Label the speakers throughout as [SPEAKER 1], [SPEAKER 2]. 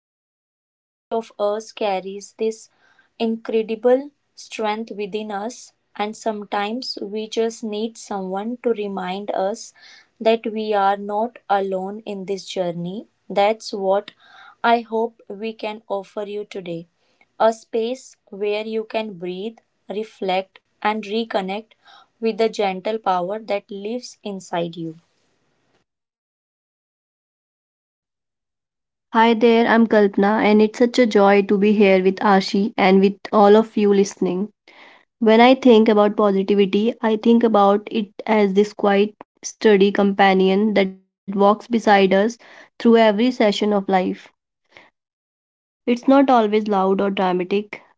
[SPEAKER 1] Believe that each of us carries this incredible strength within us, and sometimes we just need someone to remind us that we are not alone in this journey. That's what I hope we can offer you today. A space where you can breathe, reflect, and reconnect with the gentle power that lives inside you.
[SPEAKER 2] Hi there, I'm Kalpana, and it's such a joy to be here with Ashi and with all of you listening. When I think about positivity, I think about it as this quiet, sturdy companion that walks beside us through every session of life. It's not always loud or dramatic.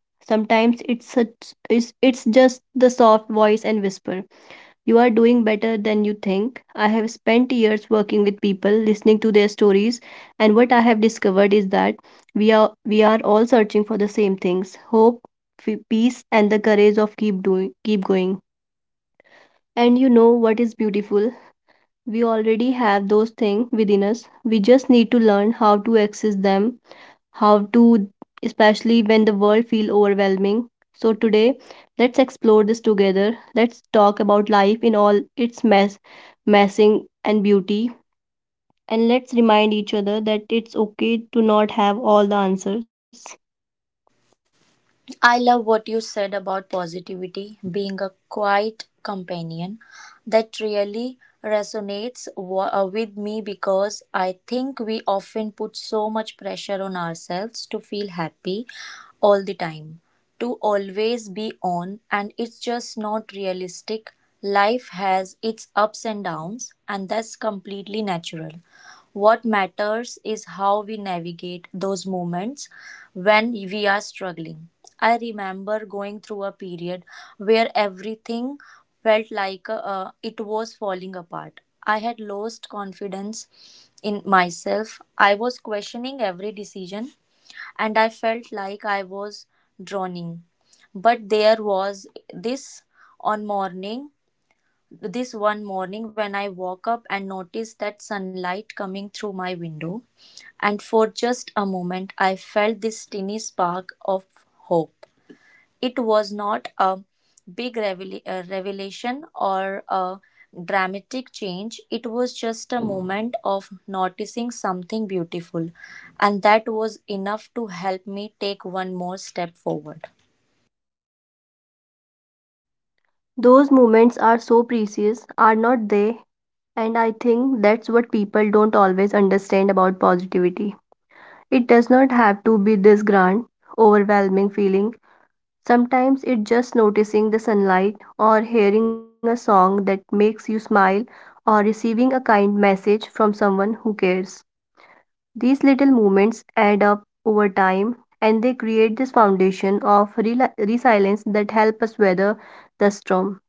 [SPEAKER 2] Sometimes it's just the soft voice and whisper. You are doing better than you think. I have spent years working with people, listening to their stories, and what I have discovered is that we are all searching for the same things: hope, peace, and the courage of keep doing, keep going. And you know what is beautiful? We already have those things within us. We just need to learn how to access them how to especially when the world feel overwhelming. So today, let's explore this together. Let's talk about life in all its mess, messing and beauty, and let's remind each other that it's okay to not have all the answers.
[SPEAKER 1] I love what you said about positivity being a quiet companion. That really resonates with me because I think we often put so much pressure on ourselves to feel happy all the time, to always be on, and it's just not realistic. Life has its ups and downs, and that's completely natural. What matters is how we navigate those moments when we are struggling. I remember going through a period where everything felt like it was falling apart. I had lost confidence in myself. I was questioning every decision and I felt like I was drowning. But there was this on morning this one morning, when I woke up and noticed that sunlight coming through my window, and for just a moment I felt this tiny spark of hope. It was not a big revelation or a dramatic change, it was just a moment of noticing something beautiful, and that was enough to help me take one more step forward.
[SPEAKER 2] Those moments are so precious, are not they? And I think that's what people don't always understand about positivity. It does not have to be this grand, overwhelming feeling. Sometimes it's just noticing the sunlight or hearing a song that makes you smile or receiving a kind message from someone who cares. These little moments add up over time and they create this foundation of resilience that help us weather the storm.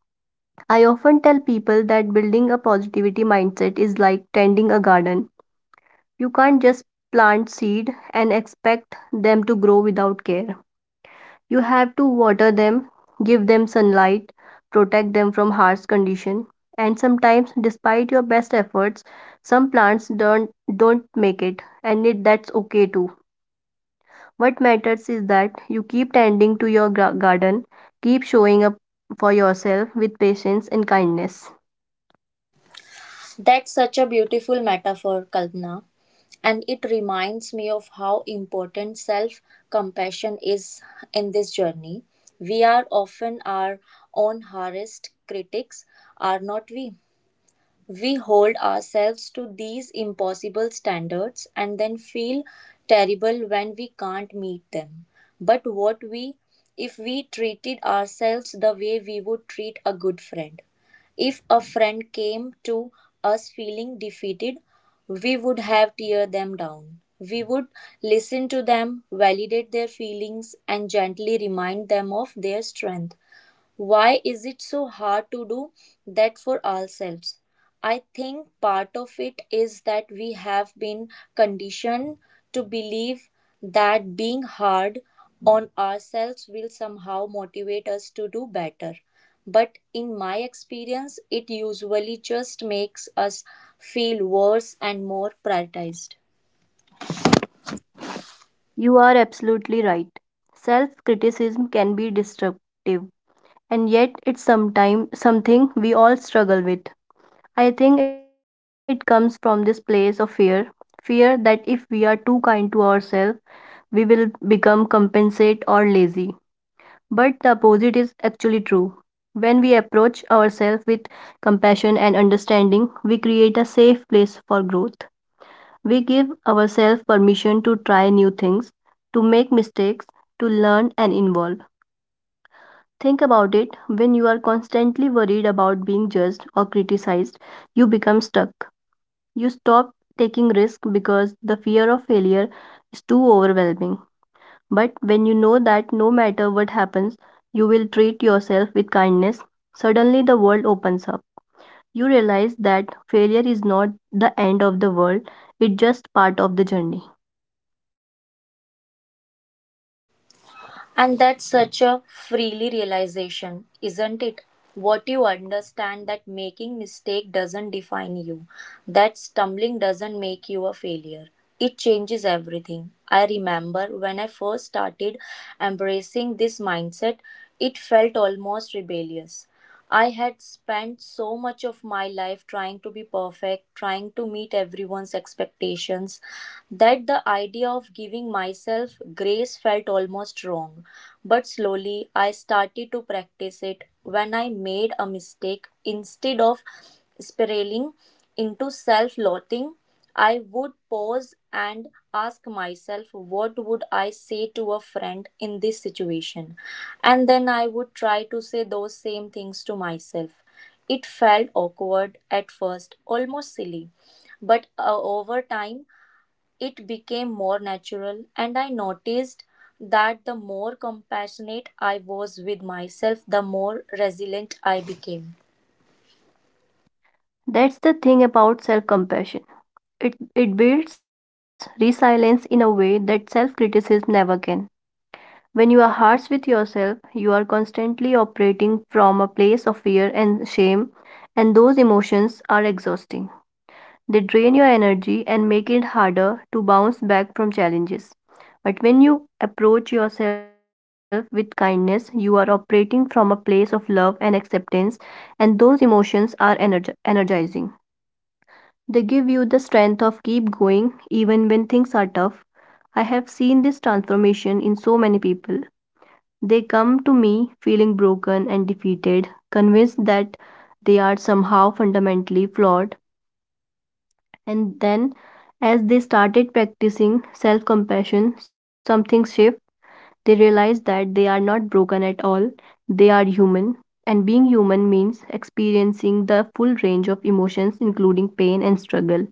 [SPEAKER 2] I often tell people that building a positivity mindset is like tending a garden. You can't just plant seed and expect them to grow without care. You have to water them, give them sunlight, protect them from harsh condition, and sometimes despite your best efforts, some plants don't make it and it that's okay too. What matters is that you keep tending to your garden, keep showing up for yourself with patience and kindness.
[SPEAKER 1] That's such a beautiful metaphor, Kalpana. And it reminds me of how important self compassion is in this journey. We are often our own hardest critics, are not we? We hold ourselves to these impossible standards and then feel terrible when we can't meet them. But what we if we treated ourselves the way we would treat a good friend? If a friend came to us feeling defeated, we would have tear them down. We would listen to them, validate their feelings, and gently remind them of their strength. Why is it so hard to do that for ourselves? I think part of it is that we have been conditioned to believe that being hard on ourselves will somehow motivate us to do better. But in my experience, it usually just makes us feel worse and more prioritized.
[SPEAKER 2] You are absolutely right. Self-criticism can be destructive, and yet it's sometimes something we all struggle with. I think it comes from this place of fear fear that if we are too kind to ourselves, we will become compensate or lazy. But the opposite is actually true. When we approach ourselves with compassion and understanding, we create a safe place for growth. We give ourselves permission to try new things, to make mistakes, to learn and evolve. Think about it when you are constantly worried about being judged or criticized, you become stuck. You stop taking risk because the fear of failure is too overwhelming. But when you know that no matter what happens, you will treat yourself with kindness, suddenly the world opens up. You realize that failure is not the end of the world, it's just part of the journey.
[SPEAKER 1] And that's such a freely realization, isn't it? What you understand that making mistake doesn't define you, that stumbling doesn't make you a failure. It changes everything. I remember when I first started embracing this mindset, it felt almost rebellious. I had spent so much of my life trying to be perfect, trying to meet everyone's expectations, that the idea of giving myself grace felt almost wrong. But slowly, I started to practice it when I made a mistake instead of spiraling into self loathing. I would pause and ask myself, what would I say to a friend in this situation? And then I would try to say those same things to myself. It felt awkward at first, almost silly, but over time it became more natural, and I noticed that the more compassionate I was with myself, the more resilient I became.
[SPEAKER 2] That's the thing about self compassion. It builds resilience in a way that self criticism never can. When you are harsh with yourself, you are constantly operating from a place of fear and shame, and those emotions are exhausting. They drain your energy and make it harder to bounce back from challenges. But when you approach yourself with kindness, you are operating from a place of love and acceptance, and those emotions are energizing. They give you the strength of keep going even when things are tough. I have seen this transformation in so many people. They come to me feeling broken and defeated, convinced that they are somehow fundamentally flawed. And then, as they started practicing self compassion, something shifted. They realized that they are not broken at all, they are human. And being human means experiencing the full range of emotions, including pain and struggle.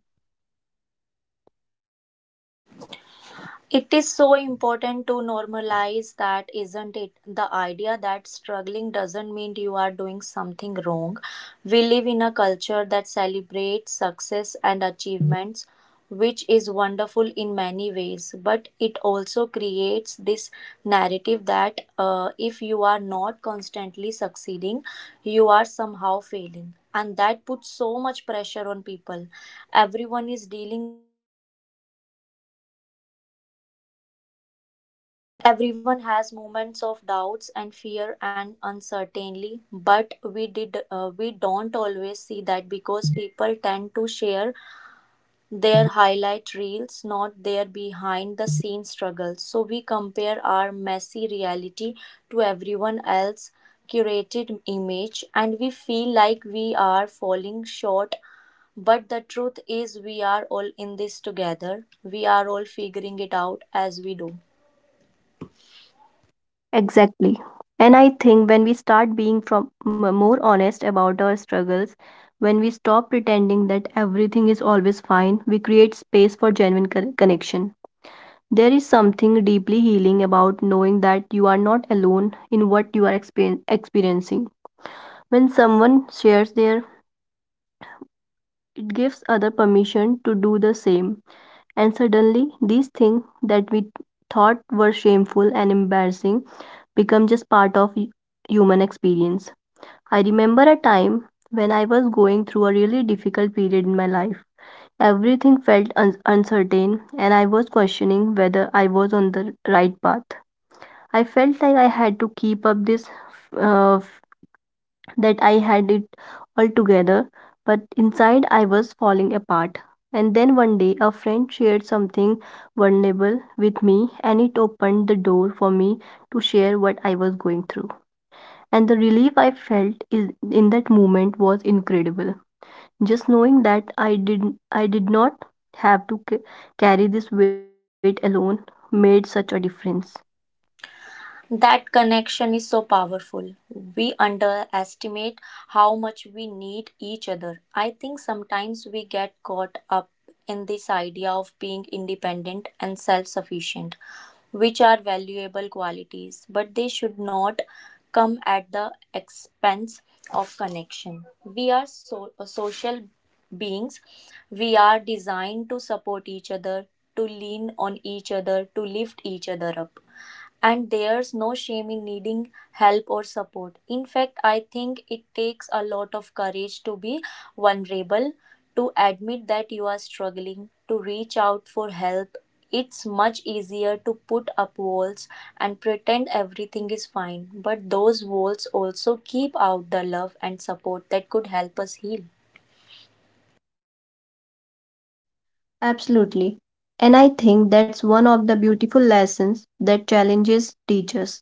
[SPEAKER 1] It is so important to normalize that, isn't it? The idea that struggling doesn't mean you are doing something wrong. We live in a culture that celebrates success and achievements, which is wonderful in many ways, but it also creates this narrative that if you are not constantly succeeding, you are somehow failing. And that puts so much pressure on people. Everyone is dealing Everyone has moments of doubts and fear and uncertainty, but we don't always see that because people tend to share their highlight reels, not their behind the scenes struggles. So we compare our messy reality to everyone else's curated image and we feel like we are falling short, but the truth is we are all in this together. We are all figuring it out as we do.
[SPEAKER 2] Exactly. And I think when we start being more honest about our struggles, when we stop pretending that everything is always fine, we create space for genuine connection. There is something deeply healing about knowing that you are not alone in what you are experiencing. When someone shares their, it gives other permission to do the same. And suddenly, these things that we thought were shameful and embarrassing become just part of human experience. I remember a time when I was going through a really difficult period in my life. Everything felt uncertain, and I was questioning whether I was on the right path. I felt like I had to keep up this, uh, that I had it all together, but inside I was falling apart. And then one day, a friend shared something vulnerable with me, and it opened the door for me to share what I was going through. And the relief I felt is in that moment was incredible. Just knowing that I did not have to carry this weight alone made such a difference.
[SPEAKER 1] That connection is so powerful. We underestimate how much we need each other. I think sometimes we get caught up in this idea of being independent and self sufficient, which are valuable qualities, but they should not come at the expense of connection. We are social beings, we are designed to support each other, to lean on each other, to lift each other up. And there's no shame in needing help or support. In fact, I think it takes a lot of courage to be vulnerable, to admit that you are struggling, to reach out for help. It's much easier to put up walls and pretend everything is fine, but those walls also keep out the love and support that could help us heal.
[SPEAKER 2] Absolutely. And I think that's one of the beautiful lessons that challenges teach us.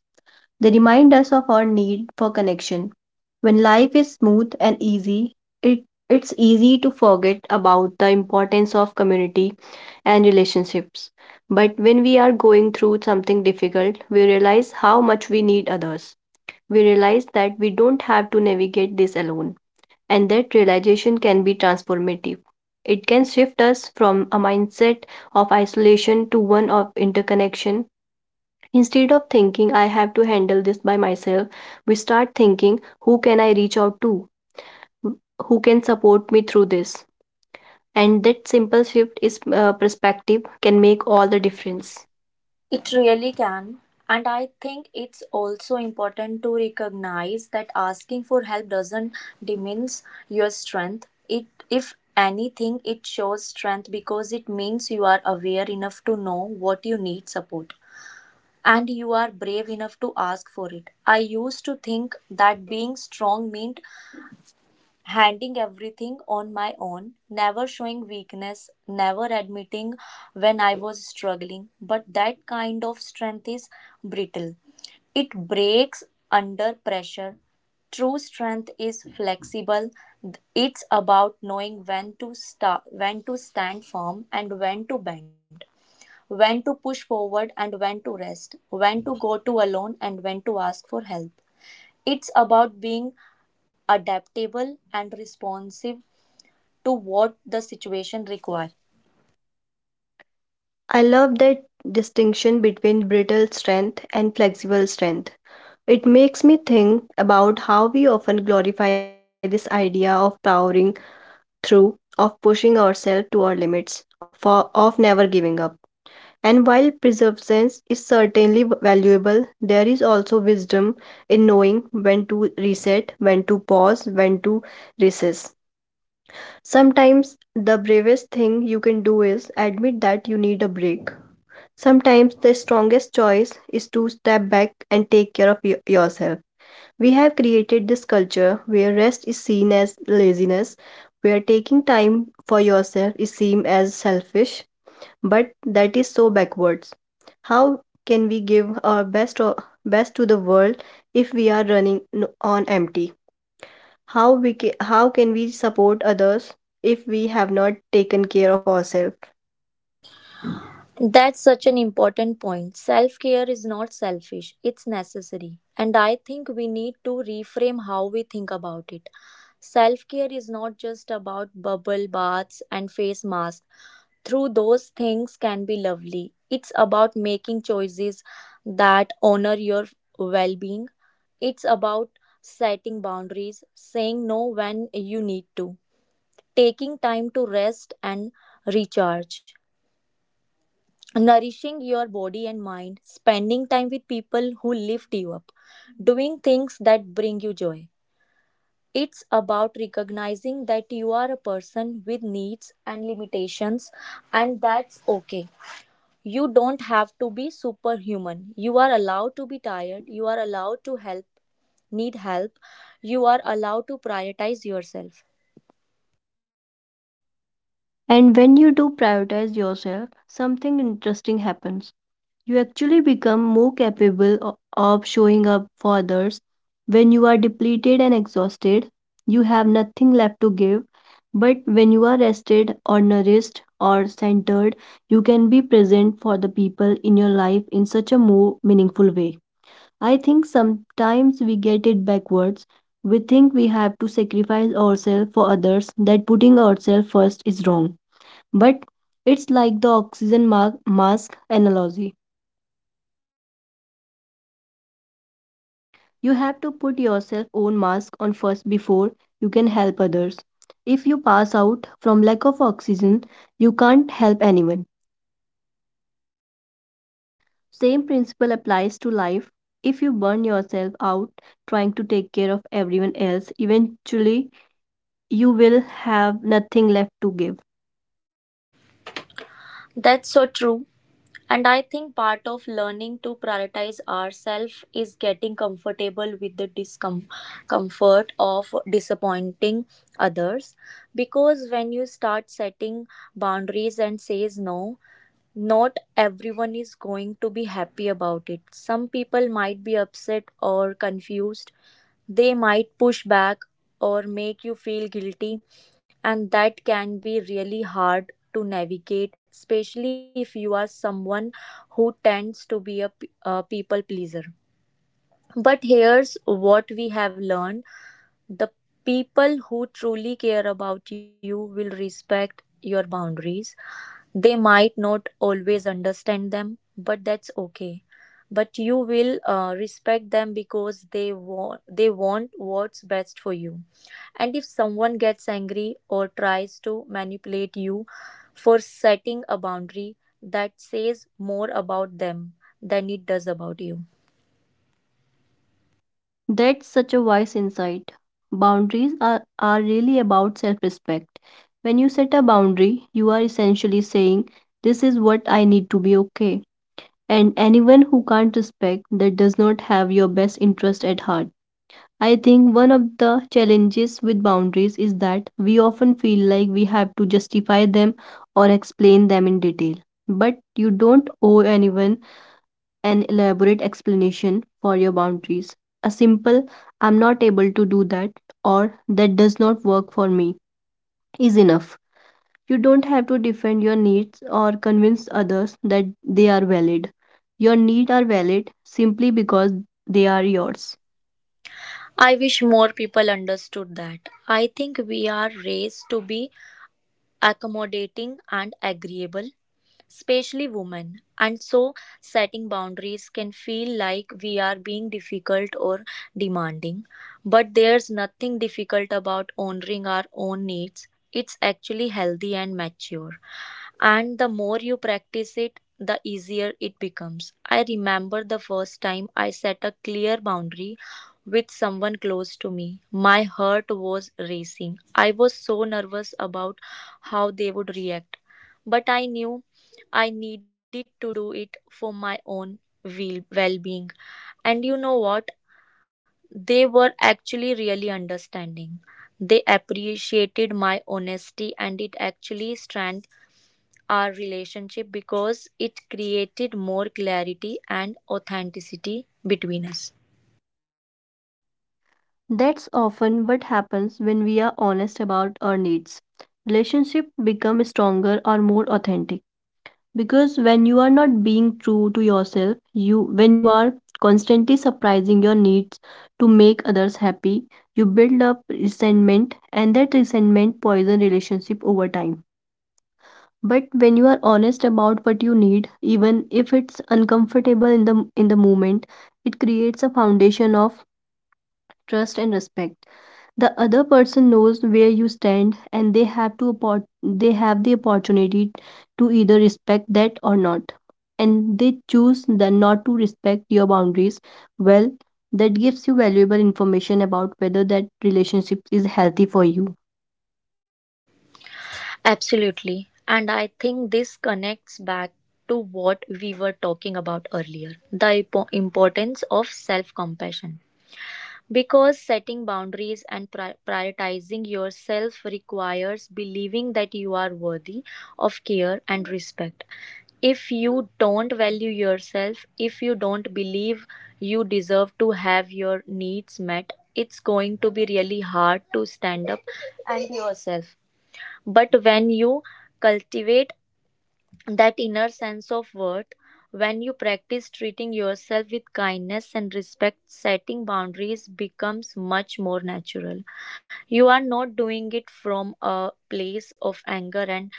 [SPEAKER 2] They remind us of our need for connection. When life is smooth and easy, it, it's easy to forget about the importance of community and relationships. But when we are going through something difficult, we realize how much we need others. We realize that we don't have to navigate this alone, and that realization can be transformative. It can shift us from a mindset of isolation to one of interconnection. Instead of thinking, I have to handle this by myself, we start thinking, who can I reach out to? Who can support me through this? And that simple shift is perspective can make all the difference.
[SPEAKER 1] It really can. And I think it's also important to recognize that asking for help doesn't diminish your strength. It, if anything, it shows strength because it means you are aware enough to know what you need support, and you are brave enough to ask for it. I used to think that being strong meant handling everything on my own, never showing weakness, never admitting when I was struggling. But that kind of strength is brittle, it breaks under pressure. True strength is flexible. It's about knowing when to start, when to stand firm and when to bend, when to push forward and when to rest, when to go to alone and when to ask for help. It's about being adaptable and responsive to what the situation requires.
[SPEAKER 2] I love that distinction between brittle strength and flexible strength. It makes me think about how we often glorify this idea of powering through, of pushing ourselves to our limits, for, of never giving up. And while preservation is certainly valuable, there is also wisdom in knowing when to reset, when to pause, when to recess. Sometimes the bravest thing you can do is admit that you need a break. Sometimes the strongest choice is to step back and take care of yourself. We have created this culture where rest is seen as laziness, where taking time for yourself is seen as selfish, but that is so backwards. How can we give our best to the world if we are running on empty? How how can we support others if we have not taken care of ourselves?
[SPEAKER 1] That's such an important point. Self care is not selfish, it's necessary. And I think we need to reframe how we think about it. Self care is not just about bubble baths and face masks. Through those things can be lovely. It's about making choices that honor your well being. It's about setting boundaries, saying no when you need to, taking time to rest and recharge, nourishing your body and mind, spending time with people who lift you up, doing things that bring you joy. It's about recognizing that you are a person with needs and limitations, and that's okay. You don't have to be superhuman. You are allowed to be tired. You are allowed to help, need help. You are allowed to prioritize yourself.
[SPEAKER 2] And when you do prioritize yourself, something interesting happens. You actually become more capable of showing up for others. When you are depleted and exhausted, you have nothing left to give. But when you are rested or nourished or centered, you can be present for the people in your life in such a more meaningful way. I think sometimes we get it backwards. We think we have to sacrifice ourselves for others, that putting ourselves first is wrong. But it's like the oxygen mask analogy. You have to put yourself own mask on first before you can help others. If you pass out from lack of oxygen, you can't help anyone. Same principle applies to life. If you burn yourself out trying to take care of everyone else, eventually you will have nothing left to give.
[SPEAKER 1] That's so true. And I think part of learning to prioritize ourselves is getting comfortable with the discomfort of disappointing. Not everyone is going to be happy about it. Some people might be upset or confused. They might push back or make you feel guilty, and that can be really hard to navigate, especially if you are someone who tends to be a people pleaser. But here's what we have learned: the people who truly care about you will respect your boundaries. They might not always understand them, but that's okay. But you will respect them because they want what's best for you. And if someone gets angry or tries to manipulate you for setting a boundary, that says more about them than does about you.
[SPEAKER 2] That's such a wise insight. Boundaries are really about self respect. When you set a boundary, you are essentially saying, this is what I need to be okay, and anyone who can't respect that does not have your best interest at heart. I think one of the challenges with boundaries is that we often feel like we have to justify them or explain them in detail. But you don't owe anyone an elaborate explanation for your boundaries. A simple, I'm not able to do that, or that does not work for me, is enough. You don't have to defend your needs or convince others that they are valid. Your needs are valid simply because they are yours.
[SPEAKER 1] I wish more people understood that. I think we are raised to be accommodating and agreeable, especially women. And so, setting boundaries can feel like we are being difficult or demanding. But there's nothing difficult about honoring our own needs. It's actually healthy and mature, and the more you practice it the easier it becomes. I remember the first time I set a clear boundary with someone close to me. My heart was racing, I was so nervous about how they would react, but I knew I needed to do it for my own well-being. And you know what? They were actually really understanding. They appreciated my honesty and it actually strengthened our relationship because it created more clarity and authenticity between us.
[SPEAKER 2] That's often what happens when we are honest about our needs. Relationships become stronger or more authentic because when you are not being true to yourself, you when you are constantly surprising your needs to make others happy, you build up resentment and that resentment poison relationship over time. But when you are honest about what you need, even if it's uncomfortable in the moment, it creates a foundation of trust and respect. The other person knows where you stand and they have the opportunity to either respect that or not. And they choose then not to respect your boundaries. Well, that gives you valuable information about whether that relationship is healthy for you.
[SPEAKER 1] Absolutely. And I think this connects back to what we were talking about earlier, the importance of self compassion. Because setting boundaries and prioritizing yourself requires believing that you are worthy of care and respect. If you don't value yourself, if you don't believe you deserve to have your needs met, it's going to be really hard to stand up and yourself. But when you cultivate that inner sense of worth, when you practice treating yourself with kindness and respect, setting boundaries becomes much more natural. You are not doing it from a place of anger and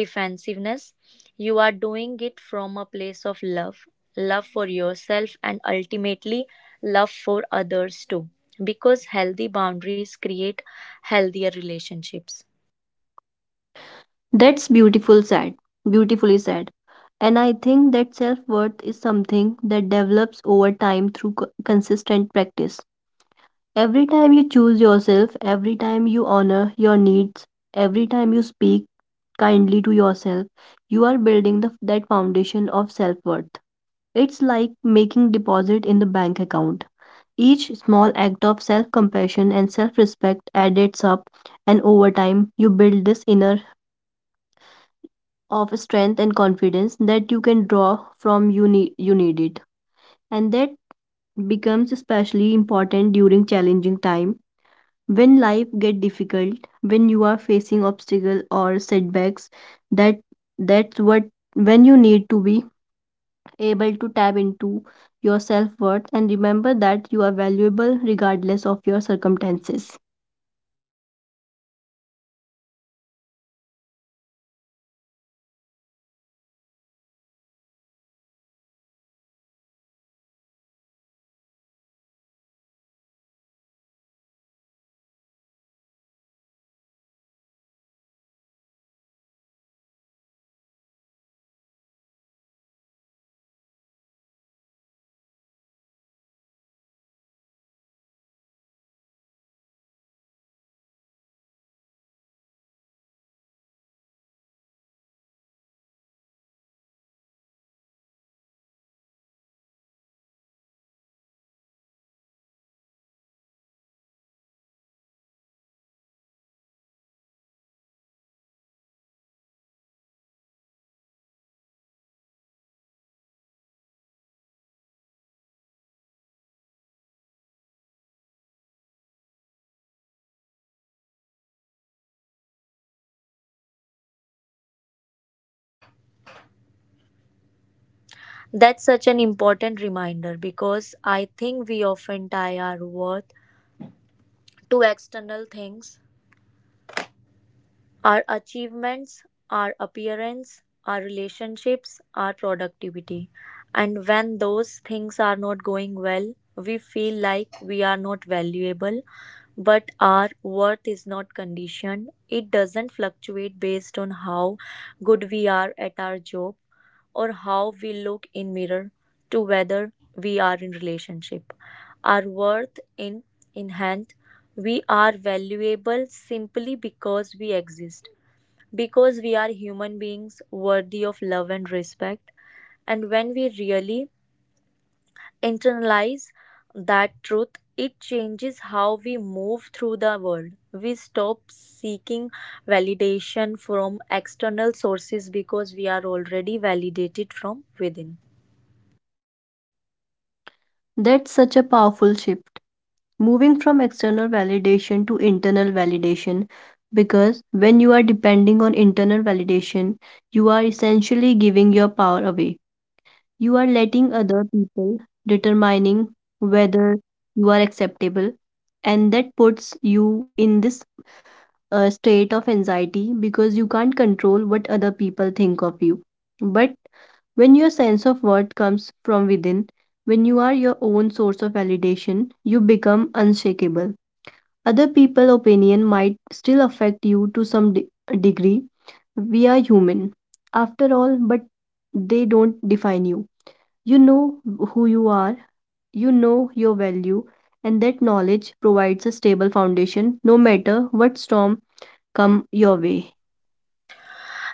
[SPEAKER 1] defensiveness, you are doing it from a place of love, love for yourself and ultimately love for others too, because healthy boundaries create healthier relationships.
[SPEAKER 2] That's beautiful said. Beautifully said. And I think that self-worth is something that develops over time through consistent practice. Every time you choose yourself, every time you honor your needs, every time you speak kindly to yourself, you are building that foundation of self-worth. It's like making deposit in the bank account. Each small act of self-compassion and self-respect adds up, and over time, you build this inner of strength and confidence that you can draw from you need it, and that becomes especially important during challenging time when life get difficult, when you are facing obstacle or setbacks, that that's what when you need to be able to tap into your self-worth and remember that you are valuable regardless of your circumstances.
[SPEAKER 1] That's such an important reminder because I think we often tie our worth to external things: our achievements, our appearance, our relationships, our productivity. And when those things are not going well, we feel like we are not valuable, but our worth is not conditioned. It doesn't fluctuate based on how good we are at our job or how we look in mirror to whether we are in relationship. Our worth in hand, we are valuable simply because we exist, because we are human beings worthy of love and respect. And when we really internalize that truth, it changes how we move through the world. We stop seeking validation from external sources because we are already validated from within.
[SPEAKER 2] That's such a powerful shift, moving from external validation to internal validation, because when you are depending on internal validation you are essentially giving your power away. You are letting other people determining whether you are acceptable, and that puts you in this state of anxiety because you can't control what other people think of you. But when your sense of worth comes from within, when you are your own source of validation, you become unshakable. Other people' opinion might still affect you to some degree. We are human, after all, but they don't define you. You know who you are, you know your value, and that knowledge provides a stable foundation no matter what storm come your way.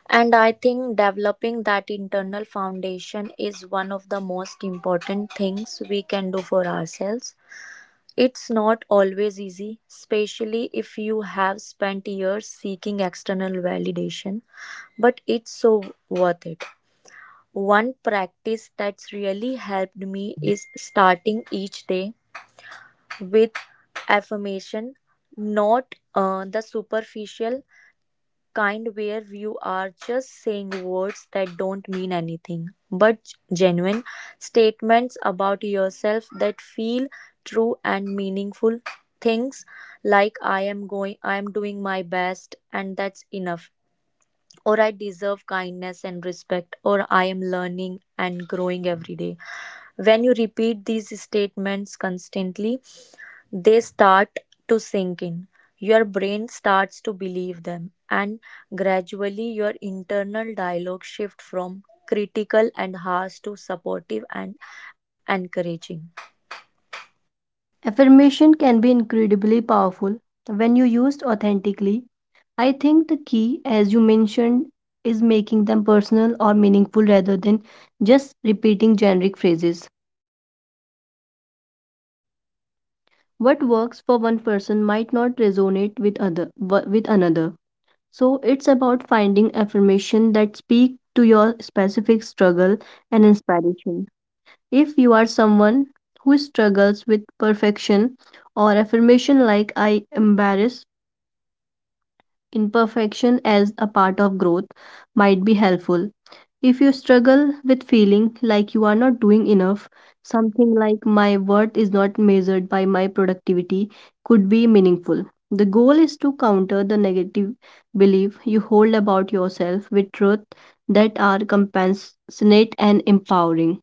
[SPEAKER 1] And I think developing that internal foundation is one of the most important things we can do for ourselves. It's not always easy, especially if you have spent years seeking external validation, but it's so worth it. One practice that's really helped me is starting each day with affirmation, not the superficial kind where you are just saying words that don't mean anything, but genuine statements about yourself that feel true and meaningful. Things like I am going, I am doing my best, and that's enough. Or I deserve kindness and respect, or I am learning and growing every day. When you repeat these statements constantly, they start to sink in, your brain starts to believe them, and gradually your internal dialogue shifts from critical and harsh to supportive and encouraging.
[SPEAKER 2] Affirmation can be incredibly powerful when you used authentically. I think the key, as you mentioned, is making them personal or meaningful rather than just repeating generic phrases. What works for one person might not resonate with other with another, so it's about finding affirmation that speak to your specific struggle and inspiration. If you are someone who struggles with perfection or affirmation like I embrace imperfection as a part of growth might be helpful. If you struggle with feeling like you are not doing enough, something like my worth is not measured by my productivity could be meaningful. The goal is to counter the negative belief you hold about yourself with truth that are compassionate and empowering.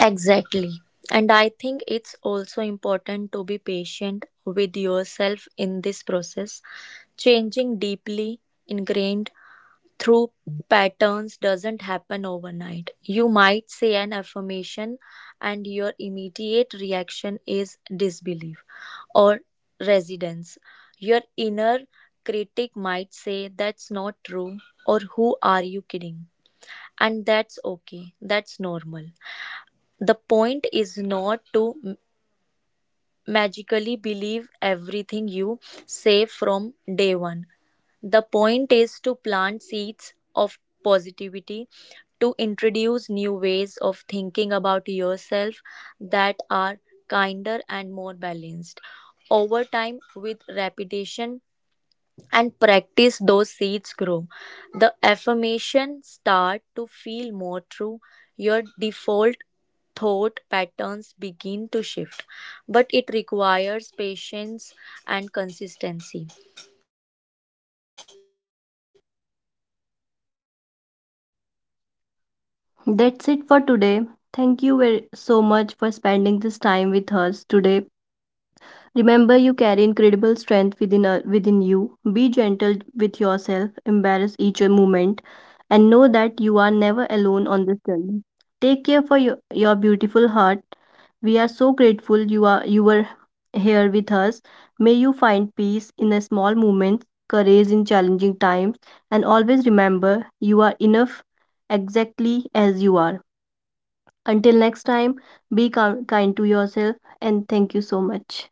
[SPEAKER 1] Exactly. And I think it's also important to be patient with yourself in this process. Changing deeply ingrained through patterns doesn't happen overnight. You might say an affirmation, and your immediate reaction is disbelief or resistance. Your inner critic might say, That's not true, or Who are you kidding? And that's okay, that's normal. The point is not to magically believe everything you say from day one. The point is to plant seeds of positivity, to introduce new ways of thinking about yourself that are kinder and more balanced. Over time, with repetition and practice, those seeds grow. The affirmations start to feel more true. Your default thought patterns begin to shift, but it requires patience and consistency.
[SPEAKER 2] That's it for today. Thank you very so much for spending this time with us today. Remember, you carry incredible strength within you. Be gentle with yourself, embrace each moment, and know that you are never alone on this journey. Take care for your beautiful heart. We are so grateful you were here with us. May you find peace in the small moments, courage in challenging times, and always remember you are enough exactly as you are. Until next time, be kind to yourself and thank you so much.